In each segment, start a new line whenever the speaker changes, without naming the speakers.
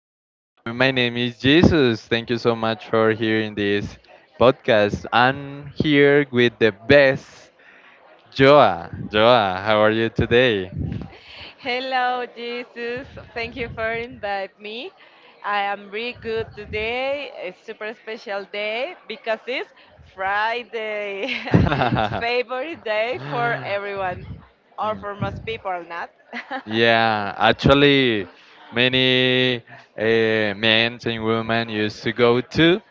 My name is Jesus. Thank you so much for hearing this podcast. I'm here with the best Joa. Joa, how are you today?
Hello, Jesus. Thank you for inviting me. I am really good today. A super special day because it's Friday. It's favorite day for everyone, or for most people, not
Yeah, actually, many men and women used to go to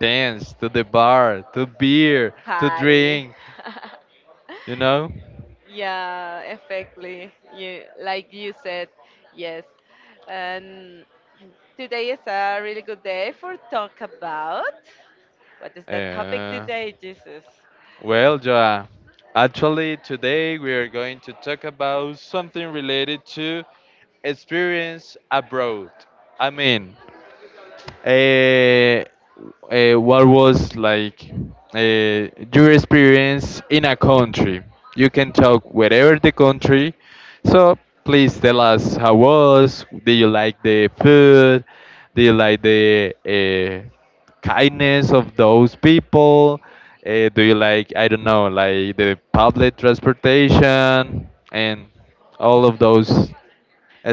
dance, to the bar, to beer, to
party.
drink, you know?
Yeah, exactly. You like you said, yes. And today is a really good day for talk about. What is the topic
Uh,
today, Jesus?
Well, Joa, actually, today we are going to talk about something related to experience abroad. I mean, uh, what was like your experience in a country? You can talk wherever the country. So please tell us how was. Do you like the food? Do you like the kindness of those people? Do you like I don't know like the public transportation and all of those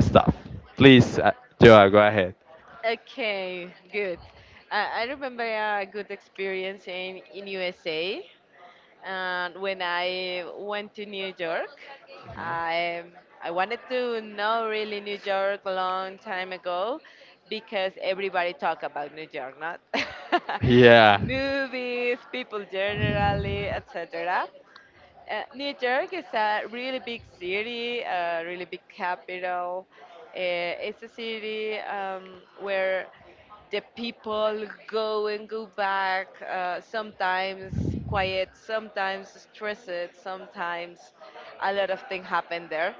stuff? Please, Joa, go ahead.
Okay, good. I remember
Mhm.
a good experience in USA. And when I went to New York, I, I wanted to know really New York a long time ago because everybody talk about New York, not
Yeah.
movies, people generally, etc. New York is a really big city, a really big capital. It's a city where the people go and go back, sometimes quiet, sometimes stressed, sometimes a lot of things happen there.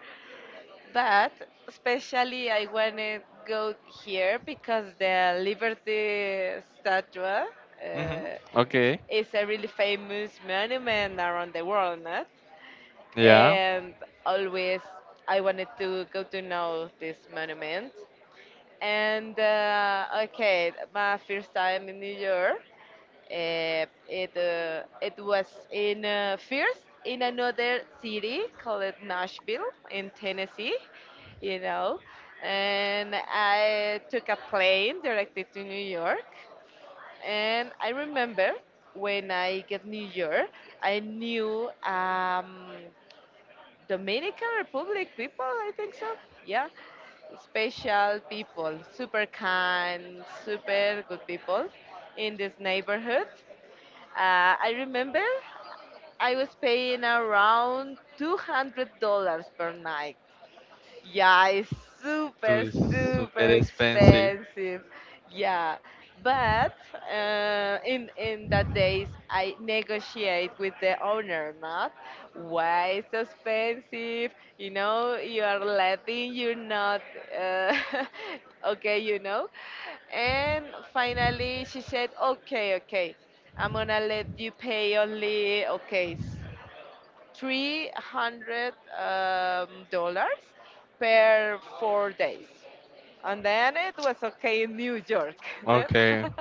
But especially I want to go here because the Liberty Statue
Mm-hmm.
uh,
Okay.
is a really famous monument around the world, no?
Yeah.
And always I wanted to go to know this monument. And okay, my first time in New York, it was in first in another city called Nashville in Tennessee, you know, and I took a plane directed to New York, and I remember when I get New York, I knew. Dominican Republic people, I think so. Yeah, special people, super kind, super good people in this neighborhood. I remember I was paying around $200 per night, yeah, it's super,
Too super
super
expensive.
expensive. Yeah, but in that days I negotiate with the owner, not why it's so expensive. You know, you are letting you not. Uh, okay, you know, and finally she said, okay, okay, I'm gonna let you pay only okay 300 dollars per 4 days, and then it was okay in New York. then.
Okay.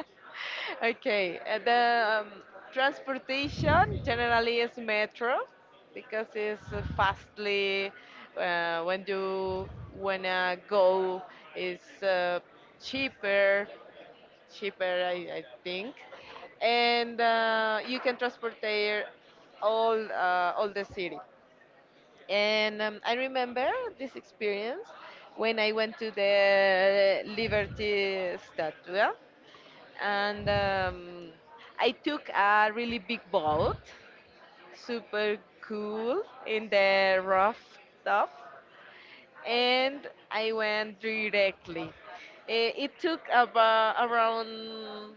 Okay, and the transportation generally is metro because it's fastly when you wanna go is cheaper cheaper, I think. And you can transport there all the city. And I remember this experience when I went to the Liberty Statue and I took a really big boat, super cool, in the rooftop, and I went directly. It took about around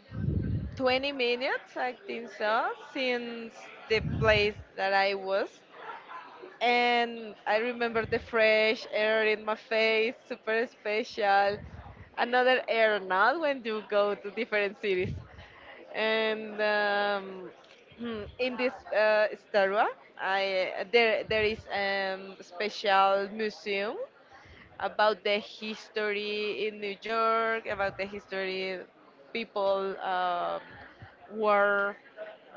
20 minutes, I think so, since the place that I was. And I remember the fresh air in my face, super special. Another air now when you go to different cities. And in this Starua, I there there is special museum about the history in New York, about the history people were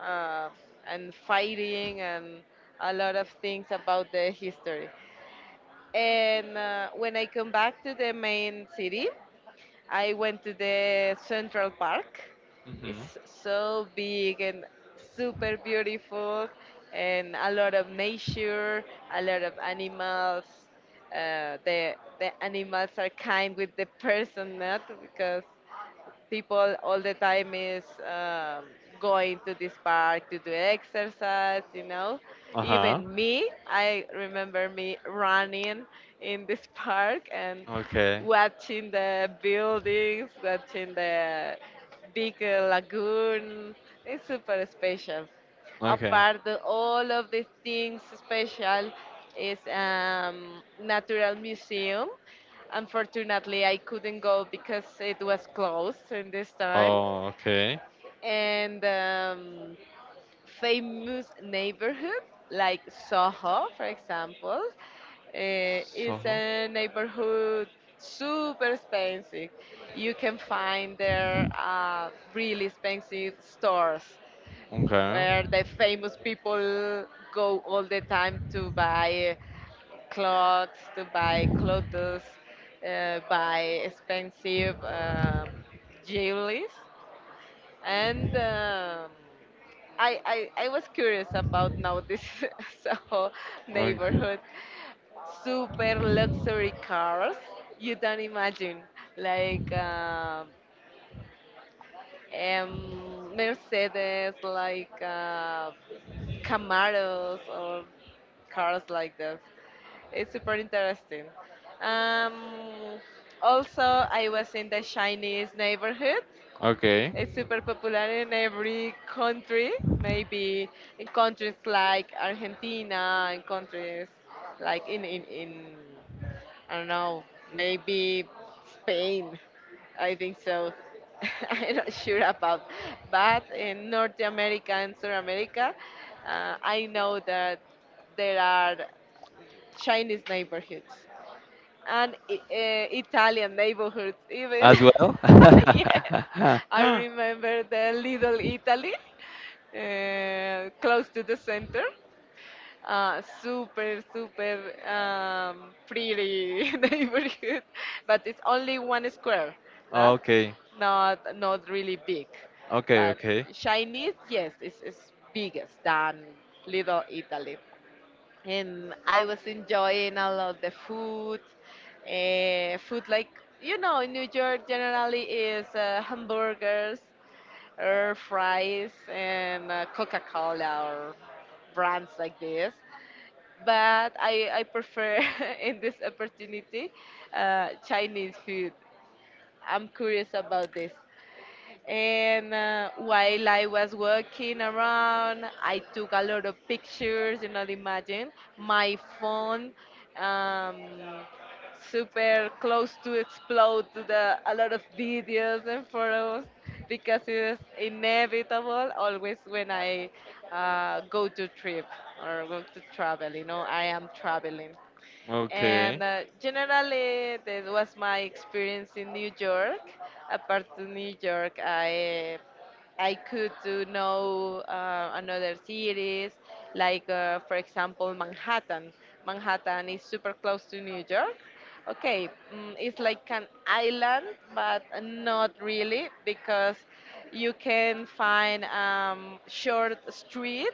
uh, and fighting and a lot of things about the history. And when I come back to the main city, I went to the Central Park.
Mm-hmm.
It's so big and super beautiful, and a lot of nature, a lot of animals. The animals are kind with the person, not because people all the time is going to this park to do exercise, you know.
Uh-huh.
Even me, I remember me running in this park and
Okay.
watching the buildings, watching the big lagoon. It's super special
Okay.
apart the, all of the things special is natural museum, unfortunately I couldn't go because it was closed in this time.
Oh, okay. And
And famous neighborhood like soho for example is
so,
a neighborhood super expensive, you can find there really expensive stores
okay, where
where the famous people go all the time to buy clocks, to buy clothes, buy expensive jewelry. And I was curious about now this Soho
okay.
neighborhood. Super luxury cars, you don't imagine. Like Mercedes, like Camaros or cars like that. It's super interesting. Um, Also, I was in the Chinese neighborhood.
Okay.
It's super popular in every country, maybe in countries like Argentina, in countries like in I don't know, maybe Spain. I think so. I'm not sure about, but in North America and South America, I know that there are Chinese neighborhoods and Italian neighborhoods even.
As well?
Yes, I remember the Little Italy close to the center super, super pretty neighborhood, but it's only one square, not,
Okay.
not really big.
Okay,
But
okay.
Chinese, yes, it's biggest than Little Italy. And I was enjoying a lot the food, food like you know, in New York generally is hamburgers, or fries, and Coca-Cola or brands like this, but I prefer in this opportunity Chinese food. I'm curious about this. And while I was walking around, I took a lot of pictures, you know, imagine my phone um, super close to explode to the a lot of videos and photos because it is inevitable always when I go to trip or go to travel, you know, I am traveling. And
Okay.
generally, that was my experience in New York. Apart from New York, I could to know another cities, like for example Manhattan. Manhattan is super close to New York. Okay, it's like an island, but not really because you can find short street,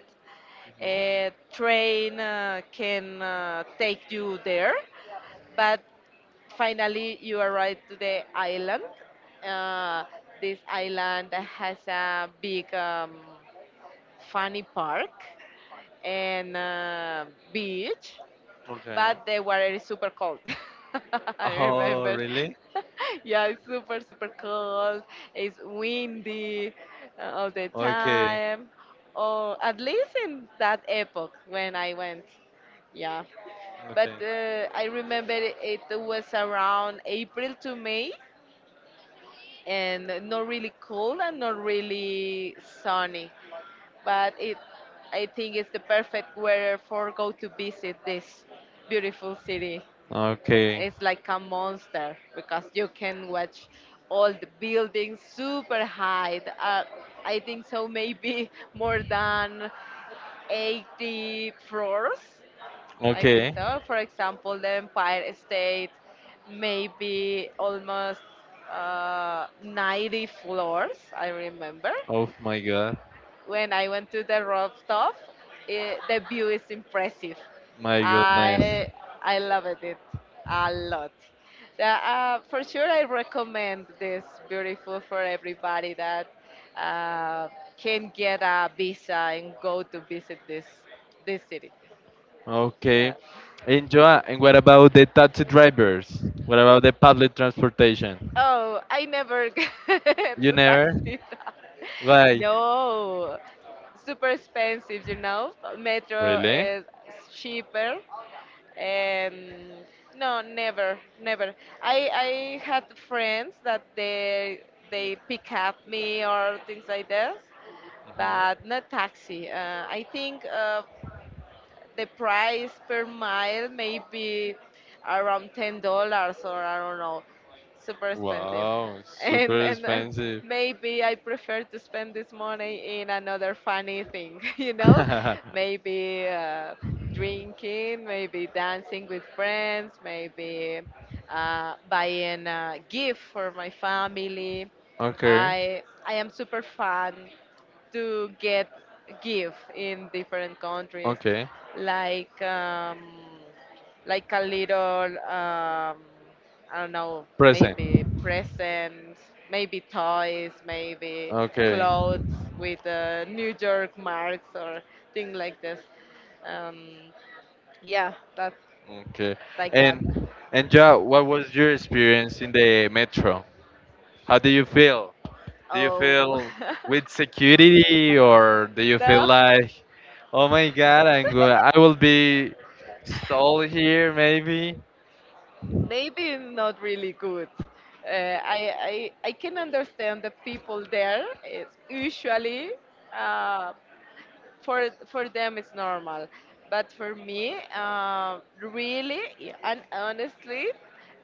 Mhm.
a train can take you there, but finally you arrive to the island. Uh, this island has a big funny park and beach,
Okay.
but the water is super cold. I
Oh,
remember.
really?
Yeah, it's super, super cold. It's windy all the
Okay.
time. Or at least in that epoch when I went. Yeah.
Okay.
But I remember it was around April to May and not really cold and not really sunny. But it, I think it's the perfect weather for go to visit this beautiful city.
Okay.
It's like a monster because you can watch all the buildings super high. I think so, maybe more than 80 floors. I think
Okay.
so. For example, the Empire State, maybe almost 90 floors, I remember
Oh my god.
when I went to the rooftop, it, the view is impressive.
My goodness.
I I loved it a lot. For sure, I recommend this beautiful for everybody that uh, can get a visa and go to visit this city. Yeah.
Okay. And Joa, and what about the taxi drivers? What about the public transportation?
Oh, I never get
You
to
never?
Tuxtila.
Why?
No, super expensive, you know. Metro
Really?
is cheaper. Um, no, never. I had friends that they pick up me or things like this,
Mhm.
but not taxi. I think. The price per mile may be around $10 or I don't know, super expensive,
Wow,
and
super expensive.
maybe I prefer to spend this money in another funny thing, you know, maybe drinking, maybe dancing with friends, maybe buying a gift for my family.
Okay,
I am super fan to get give in different countries,
okay.
like um, like a little I don't know,
Present.
maybe presents, maybe toys, maybe
Okay,
clothes with New York marks or thing like this. Um, yeah, that's
okay.
like that.
And and Joa, what was your experience in the metro? How do you feel? Do you
Oh
feel with security or do you feel
no.
like, oh my God, I'm going, I will be stalled here maybe?
Maybe not really good. I can understand the people there. It's usually uh, for them it's normal, but for me, really and honestly,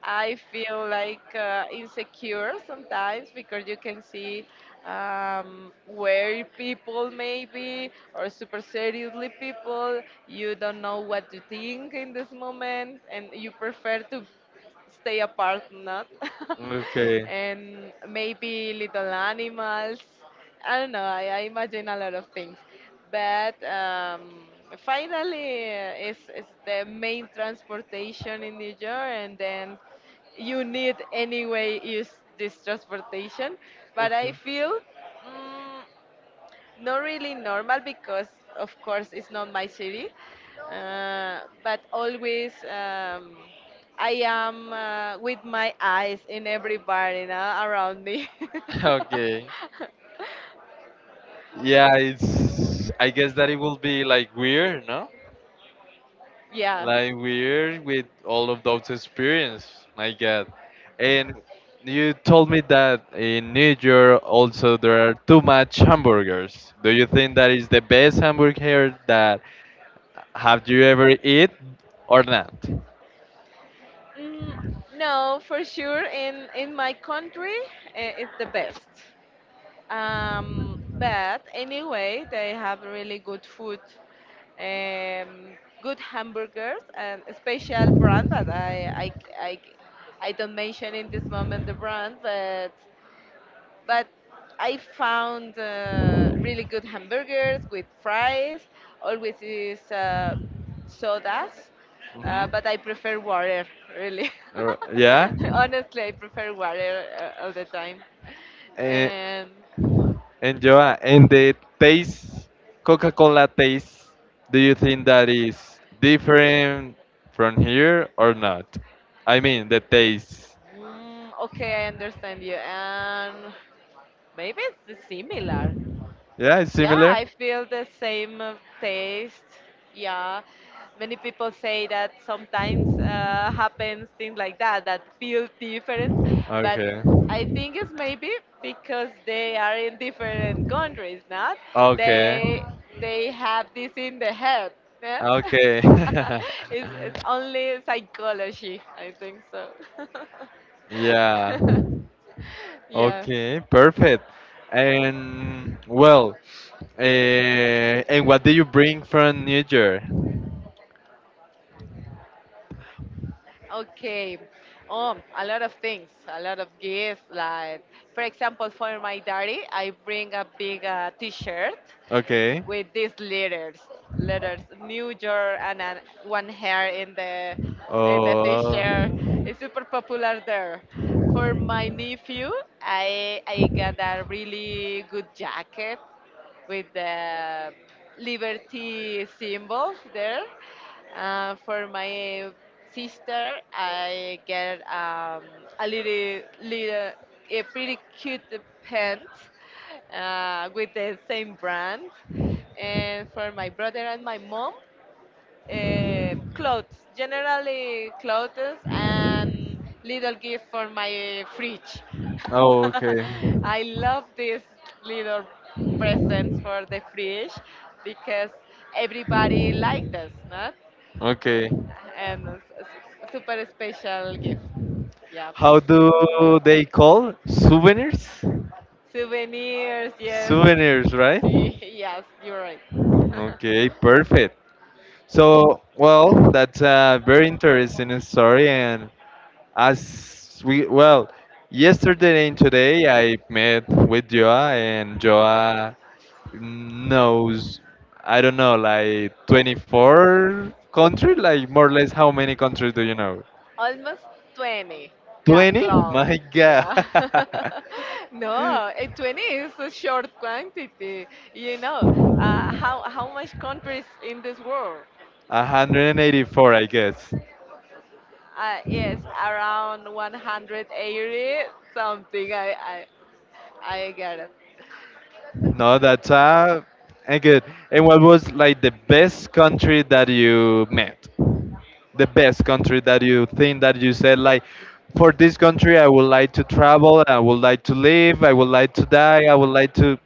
I feel like insecure sometimes because you can see where people maybe or super seriously people you don't know what to think in this moment and you prefer to stay apart, not.
Okay.
And maybe little animals. I don't know. I imagine a lot of things. But finally, it's the main transportation in New York, and then you need anyway use this transportation. But I
Okay.
feel. mm, Not really normal because of course it's not my city but always I am with my eyes in everybody now around me
Okay. Yeah, it's. I guess that it will be like weird, no?
yeah.
Like weird with all of those experience. My God. And you told me that in New York also there are too much hamburgers. Do you think that is the best hamburger that have you ever eat or not?
mm, no for sure in my country it's the best. But anyway, they have really good food, um, good hamburgers, and a special brand that I, I don't mention in this moment the brand, but I found really good hamburgers with fries. Always is sodas,
Hmm.
but I prefer water really.
Or yeah.
Honestly, I prefer water all the time.
And
Um,
and Joa, and the taste, Coca-Cola taste. Do you think that is different from here or not? I mean, the taste.
Okay, I understand you. And maybe it's similar.
Yeah, it's
Yeah,
similar.
I feel the same taste. Yeah, many people say that sometimes happens things like that that feel different, but
Okay.
I think it's maybe because they are in different countries. Not
Okay.
they they have this in the head. Not?
Okay.
It's only psychology. I think so.
Yeah.
Yeah.
Okay, perfect. And well, and what did you bring from New York?
Okay. A lot of things, a lot of gifts. Like, for example, for my daddy, I bring a big T-shirt
Okay.
with these letters, letters New York, and an, one hair in the
Oh.
T-shirt. It's super popular there. For my nephew, I got a really good jacket with the liberty symbols there. For my sister, I get a little, a pretty cute pants with the same brand. And for my brother and my mom, clothes, generally clothes and little gift for my fridge.
Oh, okay.
I love these little presents for the fridge because everybody likes us, not?
Okay.
And a super special gift. Yeah.
How do they call souvenirs?
Souvenirs, yes.
Souvenirs, right?
See, yes, you're right.
Okay, perfect. So, well, that's a very interesting story. And as we, well, yesterday and today I met with Joa, and Joa knows, I don't know, like 24 countries, like more or less how many countries do you know?
Almost 20. Yeah,
20?
close.
My God.
Yeah. No, eh, 20 is a short quantity. You know, how much countries in this world?
184, I guess.
Yes, around 180 something. I get it.
No, that's and good. And what was like the best country that you met? The best country that you think that you said like, for this country I would like to travel, I would like to live, I would like to die, I would like to.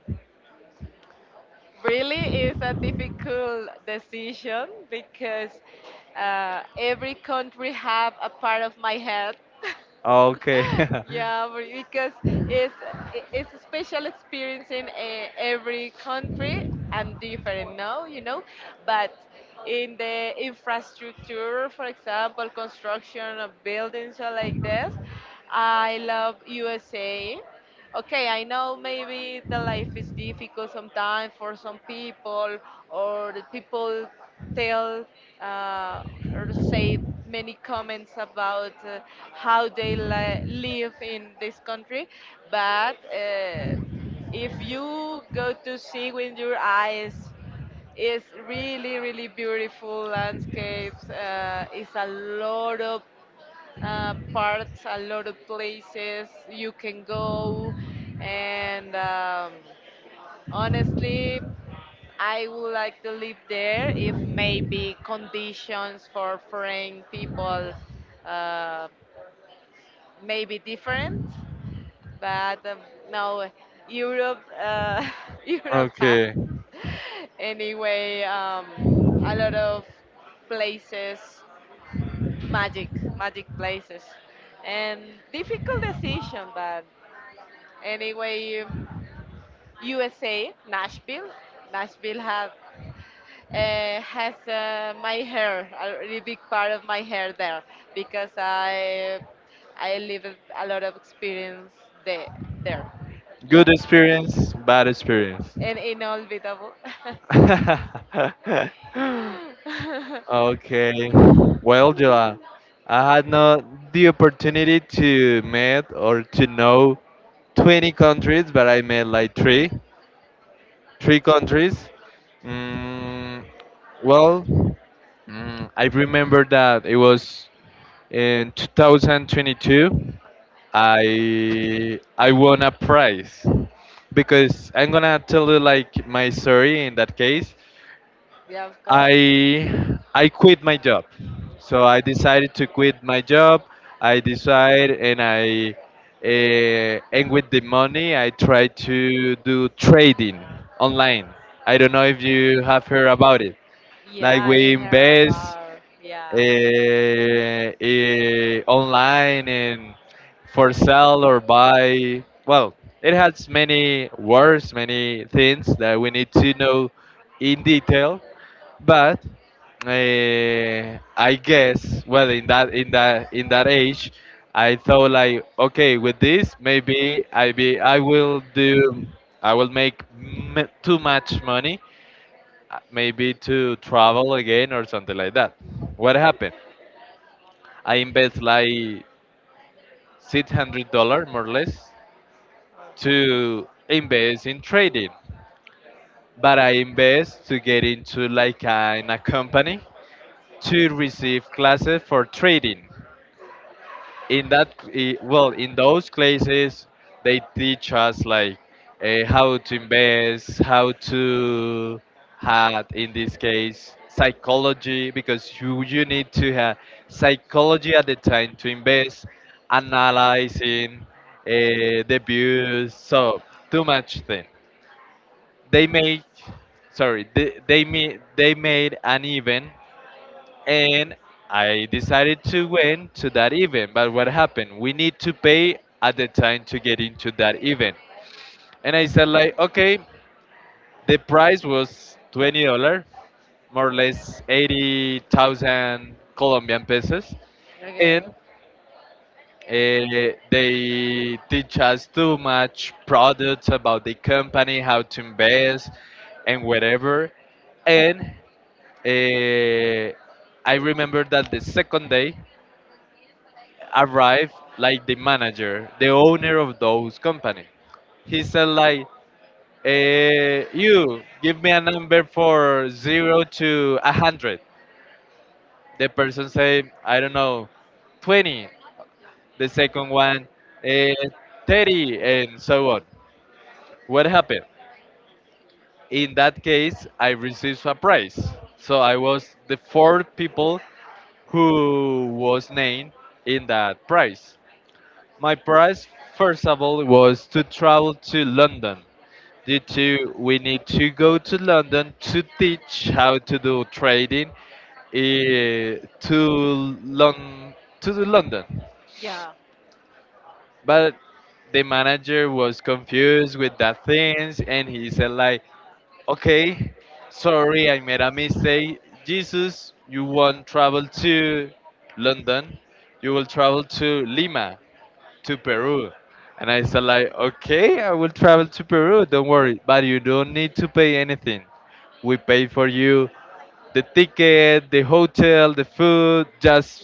Really is a difficult decision because every country have a part of my head.
Oh, okay.
Yeah, but because it's it's a special experience in every country and different, no, you know, but in the infrastructure, for example, construction of buildings or like this, I love USA. Okay, I know maybe the life is difficult sometimes for some people, or the people tell uh, or say many comments about how they live in this country, but if you go to see with your eyes, it's really, really beautiful landscapes. It's a lot of parts, a lot of places you can go, and honestly. I would like to live there if maybe conditions for foreign people uh, may be different. But no, Europe, Europe has
Okay.
anyway a lot of places, magic, magic places, and difficult decision. But anyway, USA, Nashville, Nashville had has my hair, a really big part of my hair there, because I live a lot of experience there. there. Yeah,
Good experience, bad experience.
and inolvidable.
Okay. Well, Joa, I had not the opportunity to meet or to know 20 countries, but I met like three countries. Mm, well, I remember that it was in 2022. I won a prize because I'm gonna tell you like my story in that case.
Yeah, of course.
I quit my job. So I decided to quit my job. I decide and I and with the money I try to do trading online. I don't know if you have heard about it.
Yeah,
Like
I
we
heard
invest
about. Yeah.
online and for sell or buy. Well, it has many words, many things that we need to know in detail. But I guess, well, in that age, I thought like, okay, with this maybe I will do I will make too much money, maybe to travel again or something like that. What happened? I invest like $600 more or less to invest in trading. But I invest to get into like in a company to receive classes for trading. In that well in those classes they teach us like how to invest how to have in this case psychology because you need to have psychology at the time to invest analyzing the views so too much thing they make sorry they made an event and I decided to win to that event. But what happened? We need to pay at the time to get into that event. And I said like, okay, the price was $20, more or less 80,000 Colombian pesos,
Okay.
and they teach us too much products about the company, how to invest, and whatever. And eh, I remember that the second day arrived like the manager, the owner of those company. He said like, "You give me a number for zero to a hundred." The person say, "I don't know, 20." The second one 30 and so on. What happened? In that case I received a prize, so I was the fourth people who was named in that prize. My prize first of all was to travel to London due to we need to go to London to teach how to do trading, to to the London.
Yeah.
But the manager was confused with that things and he said like, okay, sorry, I made a mistake. Jesus, you won't travel to London. You will travel to Lima, to Peru. And I said like, okay, I will travel to Peru. Don't worry, but you don't need to pay anything. We pay for you the ticket, the hotel, the food,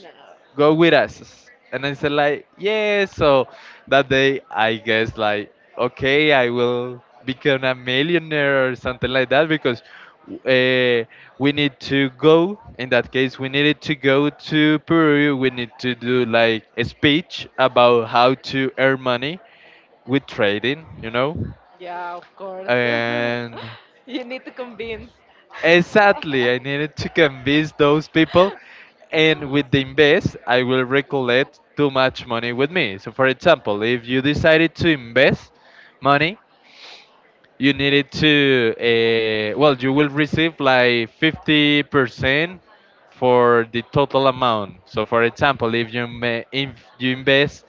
No.
go with us. And I said like, yeah. So that day, I guess like, okay, I will become a millionaire or something like that because uh, we need to go. In that case, we needed to go to Peru. We need to do like a speech about how to earn money with trading, you know.
Yeah, of course.
And
You need to convince.
exactly, I needed to convince those people, and with the invest, I will recollect too much money with me. So, for example, if you decided to invest money, you needed to, well, you will receive like 50% for the total amount. So, for example, if you, if you invest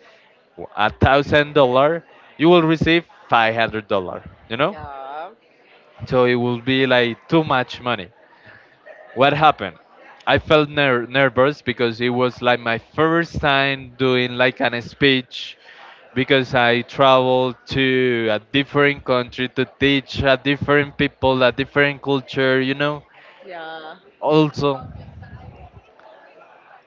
$1,000, you will receive $500. You know,
Yeah,
so it will be like too much money. What happened? I felt nervous because it was like my first time doing like an speech because I traveled to a different country to teach a different people, a different culture, you know.
yeah,
Also,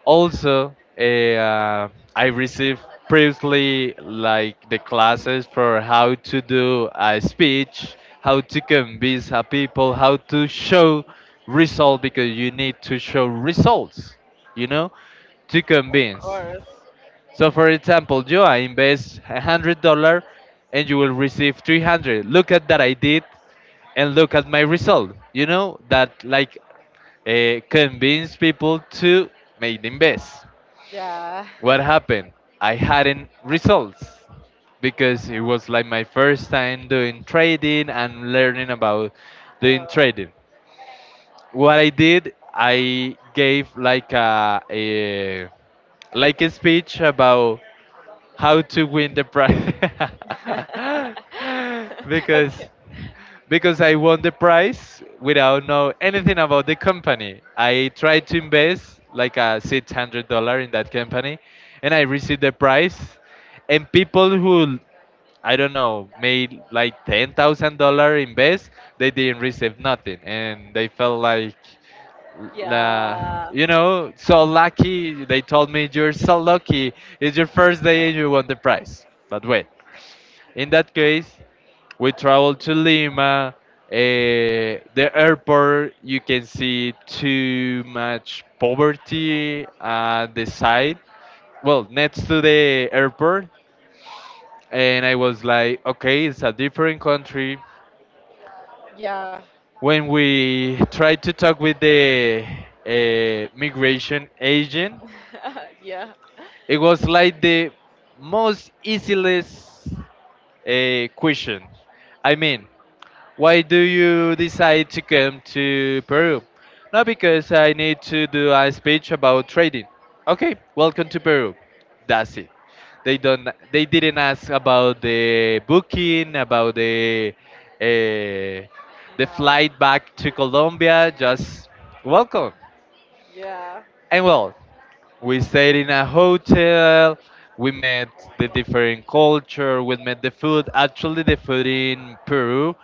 also, I received previously like the classes for how to do a speech, how to convince a people, how to show result because you need to show results, you know, to
of
convince.
course.
So, for example, you I invest $100, and you will receive 300. Look at that I did, and look at my result. You know that like convince people to make the invest.
Yeah.
What happened? I hadn't results because it was like my first time doing trading and learning about doing
Oh.
trading. What I did, I gave like a like a speech about how to win the prize
Okay.
because because I won the prize without know anything about the company. I tried to invest like a $600 in that company, and I received the prize. And people who I don't know, made like $10,000 invest, they didn't receive nothing, and they felt like, uh,
Yeah,
you know, so lucky. They told me you're so lucky. It's your first day and you won the prize. But wait, in that case, we traveled to Lima. The airport, you can see too much poverty at the side well next to the airport. And I was like, okay, it's a different country.
yeah,
When we tried to talk with the migration agent,
yeah.
it was like the most easiest question. I mean, why do you decide to come to Peru? No, because I need to do a speech about trading. Okay, welcome to Peru. That's it. They don't. They didn't ask about the booking, about uh, the
No.
flight back to Colombia. Just welcome.
Yeah,
And well, we stayed in a hotel. We met the different culture. We met the food. Actually, the food in Peru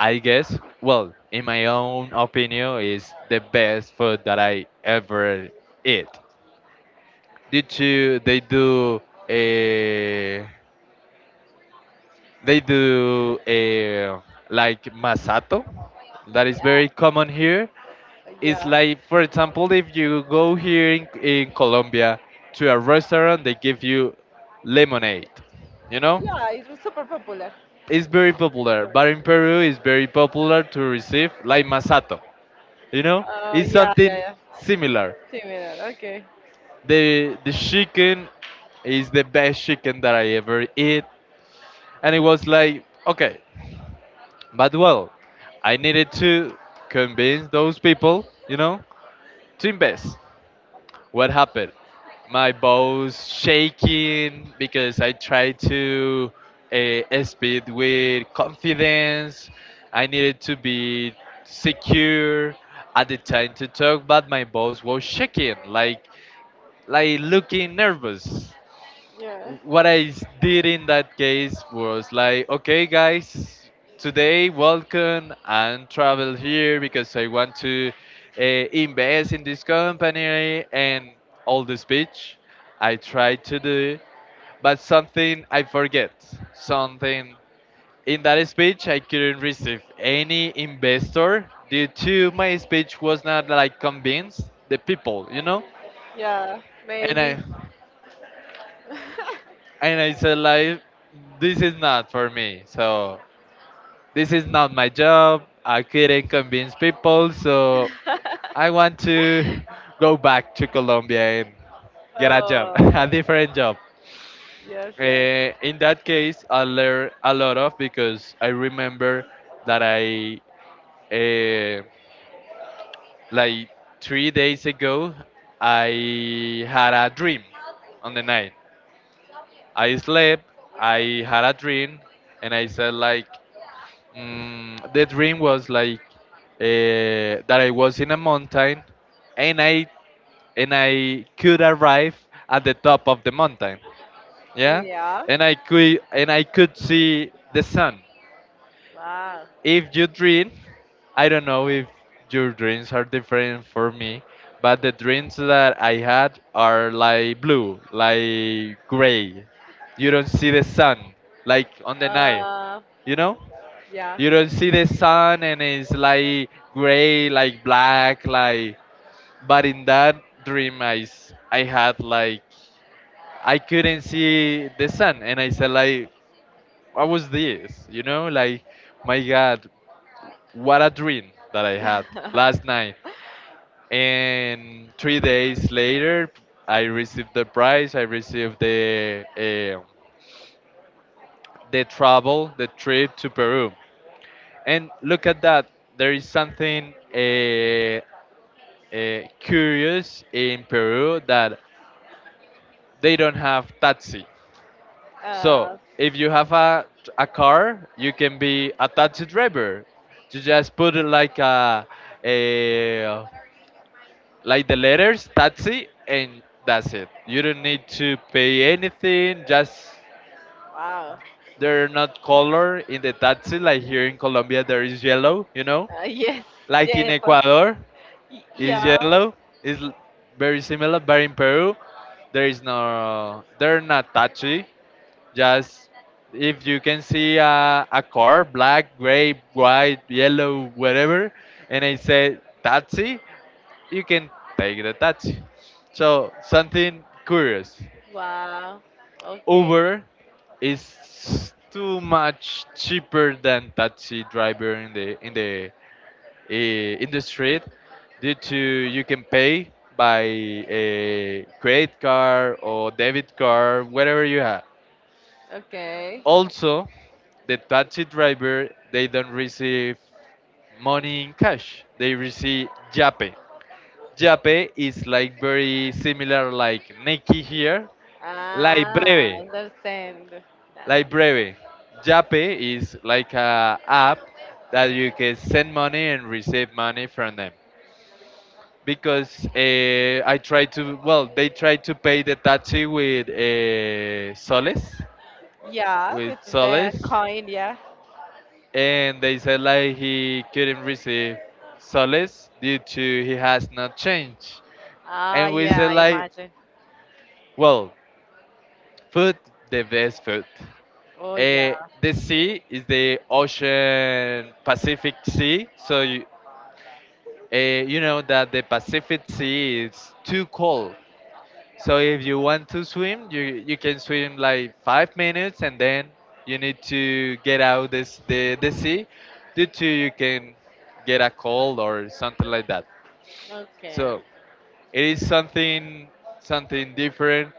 I guess, well, in my own opinion, is the best food that I ever eat. Due to they do a they do a like masato that is
yeah,
very common here.
yeah.
It's like, for example, if you go here in Colombia to a restaurant, they give you lemonade. You know,
Yeah, it was super popular.
it's very popular. But in Peru, it's very popular to receive like masato. You know, it's
Yeah, yeah,
something
yeah.
similar.
Similar. Okay.
The chicken is the best chicken that I ever eat, and it was like okay, but well, I needed to convince those people, you know, to invest. What happened? My boss shaking because I tried to speed with confidence. I needed to be secure at the time to talk, but my boss was shaking like looking nervous.
Yeah.
What I did in that case was like, okay, guys, today welcome and travel here because I want to invest in this company and all the speech I tried to do, but something I forget. Something in that speech I couldn't receive any investor due to my speech was not like convinced the people,
Yeah,
and
maybe.
I and I said like this is not for me. So this is not my job. I couldn't convince people, so I want to go back to Colombia and get a job,
Oh,
a different job.
yes, yes.
In that case, I learned a lot of because I remember that I, uh, like three days ago, I had a dream on the night. I slept, I had a dream, and I said like, the dream was like that I was in a mountain and I and I could arrive at the top of the mountain.
Oh,
Yeah,
yeah.
and I could see the sun.
Wow.
If you dream, I don't know if your dreams are different for me, but the dreams that I had are like blue, like gray. You don't see the sun like on the night,
Uh,
you know?
yeah.
You don't see the sun and it's like gray, like black, like. But in that dream, I had like I couldn't see the sun, and I said like, what was this? You know, like my God, what a dream that I had last night. And three days later, I received the prize. I received um the travel, the trip to Peru. And look at that. There is something curious in Peru that they don't have taxi. So
uh,
if you have a car, you can be a taxi driver. You just put it like a like the letters taxi and that's it. You don't need to pay anything. Just
Wow.
they're not color in the taxi like here in Colombia there is yellow. You know,
Yes.
like
Yeah. Yeah,
in Ecuador it's
yeah.
yellow. It's l- Very similar, but in Peru, there is no, they're not touchy. Just if you can see a car, black, gray, white, yellow, whatever, and I say taxi, you can take the taxi. So something curious.
Wow. Okay.
Uber is too much cheaper than taxi driver in the in the in the street due to you can pay by a credit card or debit card, whatever you have.
Okay.
Also, the taxi driver they don't receive money in cash. They receive Yape. Yape is like very similar like Nike here. Like
Ah,
Breve.
understand.
Like
That.
Breve. Yape is like a app that you can send money and receive money from them. Because I tried to, well, they tried to pay the taxi with soles,
Yeah,
with
this is the
soles,
coin, yeah.
and they said like he couldn't receive soles due to he has not changed.
Ah,
And we
yeah,
said
I
like,
imagine.
well, food, the best food.
Oh, yeah.
Uh, the sea is the ocean, Pacific Sea, so you, you know that the Pacific Sea is too cold. So if you want to swim, you can swim like five minutes, and then you need to get out this the sea, due to you can get a cold or something like that.
Okay.
So it is something something different.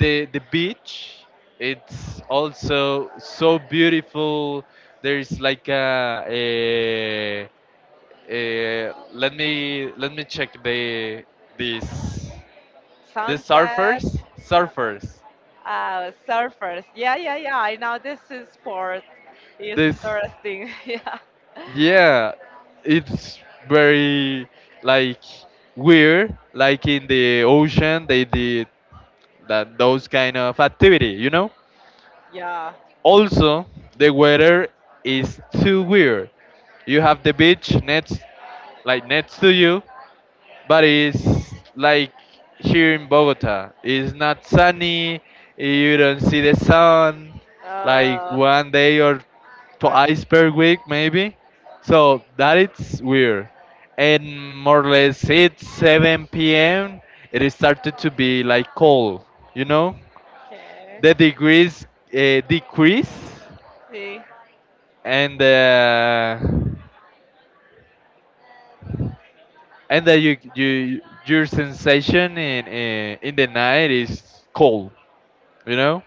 The beach, it's also so beautiful. There's like a let me check this the
Sunset.
surfers
Yeah. Ah, surfers. Yeah, yeah, yeah. I know this is sport. It's
this
interesting. Yeah.
yeah it's very like weird like in the ocean they did that those kind of activity you know.
Yeah.
Also the weather is too weird. You have the beach next like next to you, but it's like here in Bogota. It's not sunny. You don't see the sun. Like
Uh,
one day or twice per week, maybe. So that it's weird. And more or less, it's 7 p.m. It is started to be like cold. You know,
okay.
the degrees decrease,
See.
and uh, and that your sensation in the night is cold. You know,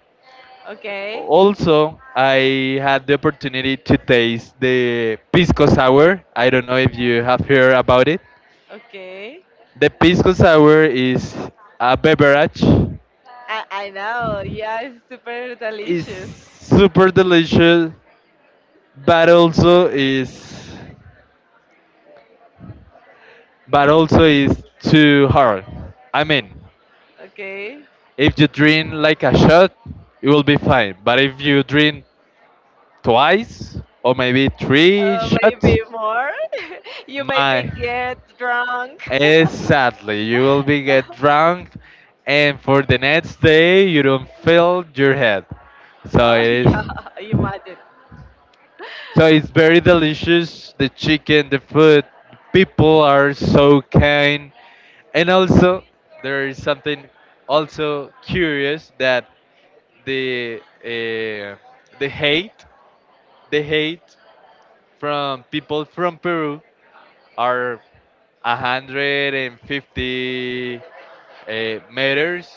Okay.
also I had the opportunity to taste the pisco sour. I don't know if you have heard about it.
Okay.
The pisco sour is a beverage.
I know. Yeah, it's super
It's
delicious.
super delicious, but also is too hard, I mean,
Okay.
if you drink like a shot it will be fine, but if you drink twice or maybe three shots
Maybe more. You maybe
my
get drunk.
exactly. You will be get drunk, and for the next day you don't feel your head. So
Oh
it is.
yeah, imagine.
So it's very delicious. The chicken, the food, people are so kind, and also there is something also curious that the uh, the hate, the hate from people from Peru are 150 meters,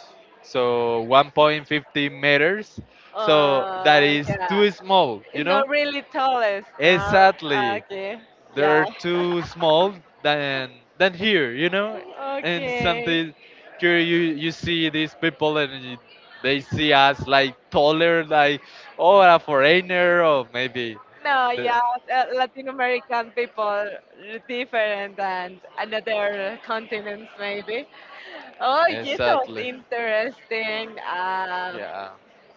so 1.50 meters. So that is
Yeah,
too small, you
it's
know?
not really tallest. No?
Exactly.
Okay, yeah.
They're too small than here, you know? And
Okay.
something here you see these people and they see us like taller, like oh a foreigner or maybe
No,
the
yeah, Latin American people are different than another continents, maybe. Oh, yes, that
exactly.
interesting.
Yeah.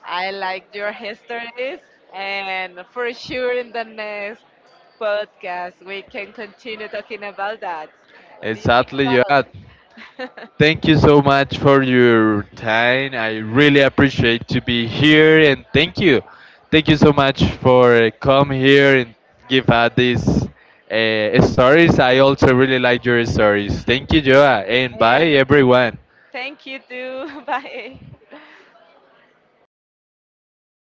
I like your histories, and for sure in the next podcast we can continue talking about that. What do you think
Exactly, yeah.
about?
Thank you so much for your time. I really appreciate to be here and thank you. Thank you so much for come here and give out these stories. I also really like your stories. Thank you, Joa, and bye
And
everyone.
thank you too. Bye.